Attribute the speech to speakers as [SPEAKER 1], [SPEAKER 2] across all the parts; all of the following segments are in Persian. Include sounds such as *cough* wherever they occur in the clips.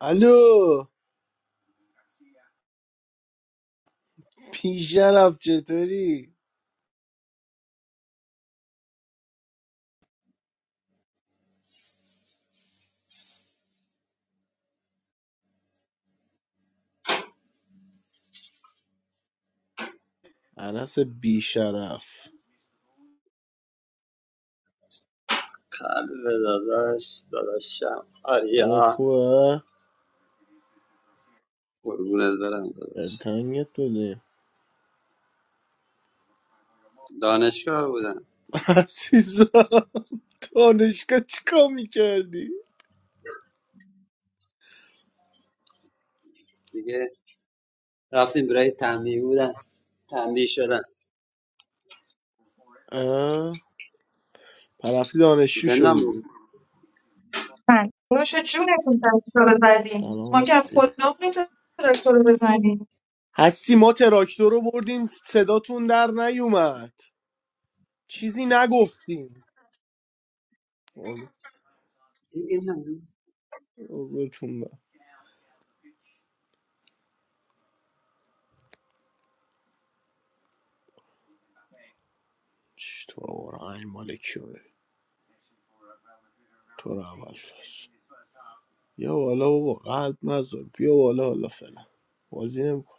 [SPEAKER 1] الو پیشرف چطوری انس بیشرف
[SPEAKER 2] Khal ve dadash, dadasham arya.
[SPEAKER 1] حالت خوبه
[SPEAKER 2] Or gunezberam dadash.
[SPEAKER 1] دلتنگت بوده
[SPEAKER 2] Daneshko abudan.
[SPEAKER 1] عزیزم دانشگاه چیکار میکردی
[SPEAKER 2] Sige, rafsin birahe tambi abudan. Tambi shodan.
[SPEAKER 1] اه؟ پرفتی دانشجو
[SPEAKER 2] Zenda
[SPEAKER 1] شدی
[SPEAKER 3] Well, what do you think about it? Maybe
[SPEAKER 1] سلام
[SPEAKER 3] I should
[SPEAKER 1] هستی
[SPEAKER 3] open up and talk to you about it.
[SPEAKER 1] هستی ما تراکتور رو بردیم صداتون در نیومد چیزی نگفتیم
[SPEAKER 2] abudan.
[SPEAKER 1] قربونتون برم. چی تو آقا، این مال کیه تو رو اول بیا بالا بابا قلب نذار بیا بالا حالا فعلا بازی نمیکن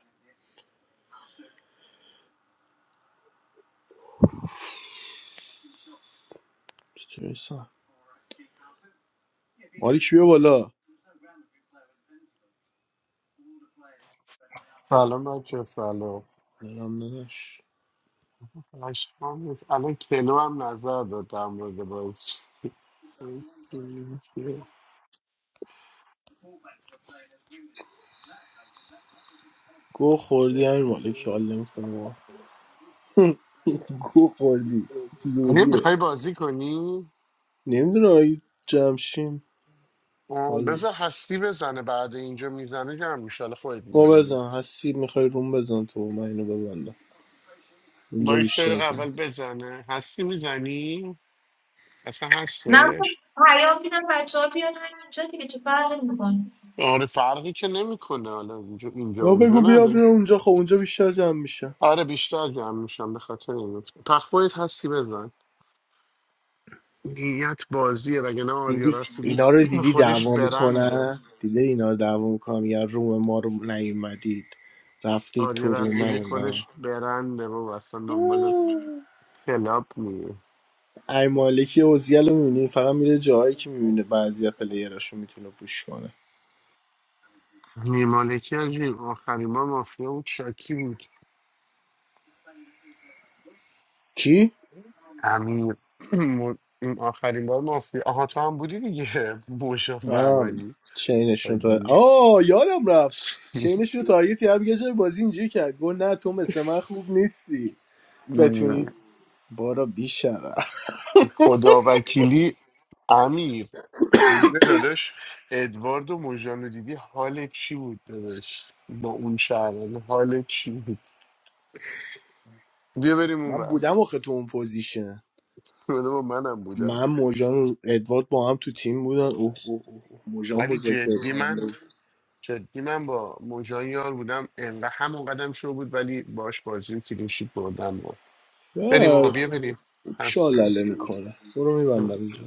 [SPEAKER 1] چطور احسان مالک بیا بالا
[SPEAKER 4] سلام بچه سلام
[SPEAKER 1] دلم نداش
[SPEAKER 4] اشکام نیست الان کلو هم نظر داد در مورد بازی
[SPEAKER 1] گو خوردی همین مالک حال نمیکنه بابا *laughs* گو خوردی
[SPEAKER 4] آره
[SPEAKER 1] زوریه
[SPEAKER 4] میخوای بازی کنی؟
[SPEAKER 1] نمیدونم اگه جمشیم
[SPEAKER 4] آه،
[SPEAKER 1] حال
[SPEAKER 4] بذار هستی بزنه بعد اینجا میزنه جمع میشه حالا خودت
[SPEAKER 1] ما
[SPEAKER 4] میدونی
[SPEAKER 1] بزن هستی میخوای روم بزن تو من اینو ببندم
[SPEAKER 4] با
[SPEAKER 1] اونجا
[SPEAKER 4] این
[SPEAKER 1] بیشتر
[SPEAKER 4] سرق
[SPEAKER 1] جمع
[SPEAKER 4] اول بزنه هستی میزنی؟ اصلا
[SPEAKER 3] No,
[SPEAKER 4] هستش؟
[SPEAKER 3] I don't think I should. I think you should talk to someone.
[SPEAKER 4] آره فرقی که نمیکنه حالا اینجا اینجا
[SPEAKER 1] یا
[SPEAKER 4] اونجا
[SPEAKER 1] بگو بیا
[SPEAKER 4] نداره
[SPEAKER 1] بیا اونجا خب اونجا بیشتر جمع میشه
[SPEAKER 4] آره بیشتر جمع میشم به خاطر این پخویت هستی بزن نیت بازیه وگرنه آریا
[SPEAKER 1] دیدی
[SPEAKER 4] رسولی
[SPEAKER 1] اینا رو دیدی
[SPEAKER 4] خودش
[SPEAKER 1] دعوا
[SPEAKER 4] برنده
[SPEAKER 1] میکنن دیدی اینا رو دعوا میکنن میگن روم ما رو نیومدید رفتید تو
[SPEAKER 4] آریا
[SPEAKER 1] روم
[SPEAKER 4] رسولی خودش
[SPEAKER 1] اونا
[SPEAKER 4] برنده رو اصلا دنبال کلاب میه
[SPEAKER 1] ای مالکی اوزیل رو میبینی فقط میره جاهایی که میبینه بعضی پلیراشو میتونه پوش کنه
[SPEAKER 4] نیمالکی از این آخرین بار مافیا بود شاکی بود
[SPEAKER 1] کی؟
[SPEAKER 4] امیر *clears throat* م- این آخرین بار مافیا آها تو هم بودی دیگه موشاف
[SPEAKER 1] آه
[SPEAKER 4] برمانی
[SPEAKER 1] چینشون تا
[SPEAKER 4] حاجی.
[SPEAKER 1] آه یادم رفت چینشون رو
[SPEAKER 4] *laughs*
[SPEAKER 1] تارگت کرد یه جای بازی اینجوری کرد گفت نه تو مثل من خوب نیستی بتونی بارا بیشتر
[SPEAKER 4] خدا وکیلی امیر جونه داداش ادوارد و مژان رو دیدی حال چی بود داداش با اون شهرانه حال چی بود بیا بریم اون
[SPEAKER 1] من
[SPEAKER 4] بر
[SPEAKER 1] بودم آخه تو اون پوزیشن
[SPEAKER 4] *laughs* با منم بودم
[SPEAKER 1] من موجان و ادوارد با هم تو تیم بودن اوه اوه اوه اوه. موجان
[SPEAKER 4] ولی
[SPEAKER 1] مذاکره
[SPEAKER 4] جدی
[SPEAKER 1] کننده
[SPEAKER 4] من
[SPEAKER 1] بود.
[SPEAKER 4] جدی من با موجان یار بودم انقدر همون قدم شو بود ولی باش بازیم و کلینشیت بردم و بریم
[SPEAKER 1] آه،
[SPEAKER 4] آقا بیا بریم
[SPEAKER 1] خوب
[SPEAKER 4] هستیم
[SPEAKER 1] شالله میکنه برو میبندم اینجا